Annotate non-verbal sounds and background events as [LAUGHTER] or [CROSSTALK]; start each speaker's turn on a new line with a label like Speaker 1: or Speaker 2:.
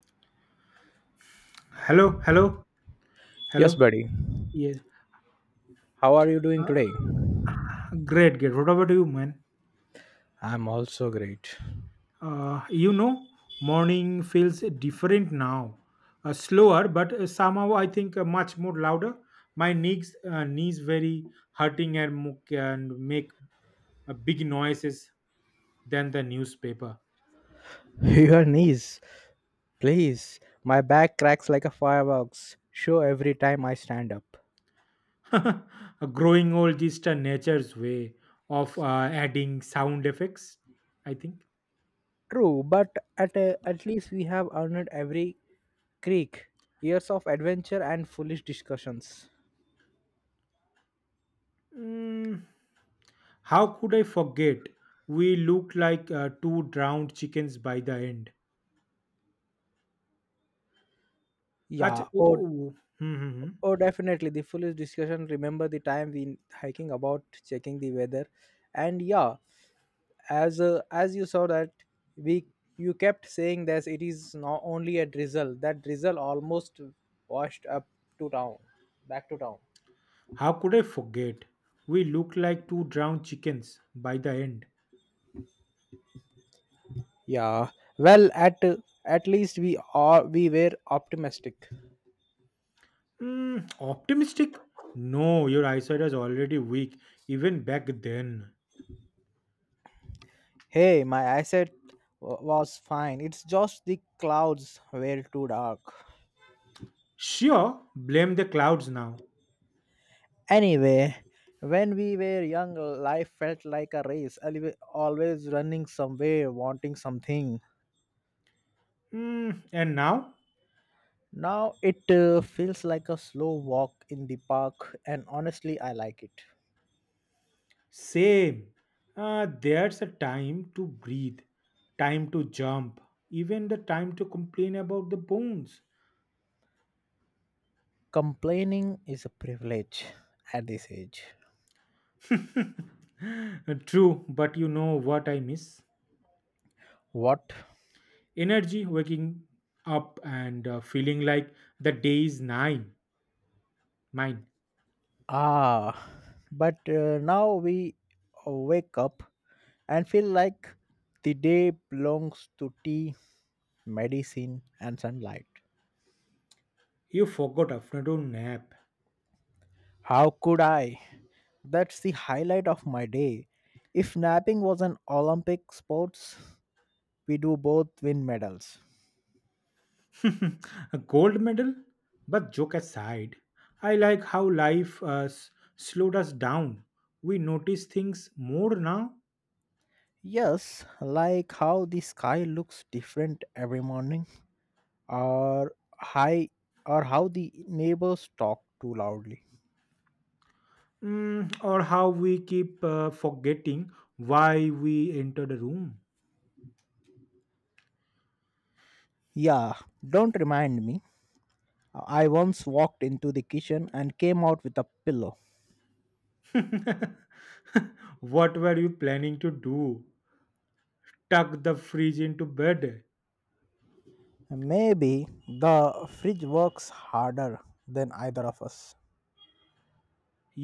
Speaker 1: Hello, hello,
Speaker 2: Yes,
Speaker 1: hello.
Speaker 2: buddy.
Speaker 1: Yes.
Speaker 2: How are you doing
Speaker 1: Uh,
Speaker 2: today?
Speaker 1: great, great. What about you, man?
Speaker 2: I'm also great.
Speaker 1: Uh, you know, morning feels different now. Slower, but somehow I think much more louder. My knees, knees very hurting and can make big noises than the newspaper.
Speaker 2: [LAUGHS] Your knees, please. My back cracks like a fireworks show every time I stand up.
Speaker 1: [LAUGHS] Growing old is the nature's way of adding sound effects, I think.
Speaker 2: True, but at least we have earned every creak, years of adventure and foolish discussions.
Speaker 1: Mm, how could I forget? We looked like two drowned chickens by the end.
Speaker 2: Yeah.
Speaker 1: Oh,
Speaker 2: Oh,
Speaker 1: oh, oh. Hmm, hmm, hmm.
Speaker 2: oh, definitely the foolish discussion. Remember the time we hiking about checking the weather, and yeah, as you saw that we you kept saying that it is not only a drizzle, that drizzle almost washed up to town, back to town.
Speaker 1: How could I forget? We looked like two drowned chickens by the end.
Speaker 2: Yeah, well, at least we were optimistic.
Speaker 1: Mm, optimistic? No, your eyesight was already weak even back then.
Speaker 2: Hey, my eyesight was fine. It's just the clouds were too dark.
Speaker 1: Sure, blame the clouds now.
Speaker 2: Anyway, when we were young, life felt like a race, always running somewhere, wanting something.
Speaker 1: Mm, and now?
Speaker 2: Now it feels like a slow walk in the park, and honestly, I like it.
Speaker 1: Same. There's a time to breathe, time to jump, even the time to complain about the bones.
Speaker 2: Complaining is a privilege at this age.
Speaker 1: [LAUGHS] True, but you know what I miss?
Speaker 2: What?
Speaker 1: Energy, waking up and feeling like the day is mine.
Speaker 2: Ah, but now we wake up and feel like the day belongs to tea, medicine, and sunlight.
Speaker 1: You forgot afternoon nap.
Speaker 2: How could I? That's the highlight of my day. If napping was an Olympic sports, we do both win medals.
Speaker 1: [LAUGHS] A gold medal? But joke aside, I like how life slowed us down. We notice things more now.
Speaker 2: Yes, like how the sky looks different every morning, or high, or how the neighbors talk too loudly.
Speaker 1: Mm, or how we keep forgetting why we entered the room.
Speaker 2: Yeah, don't remind me. I once walked into the kitchen and came out with a pillow.
Speaker 1: [LAUGHS] What were you planning to do? Tuck the fridge into bed.
Speaker 2: Maybe the fridge works harder than either of us.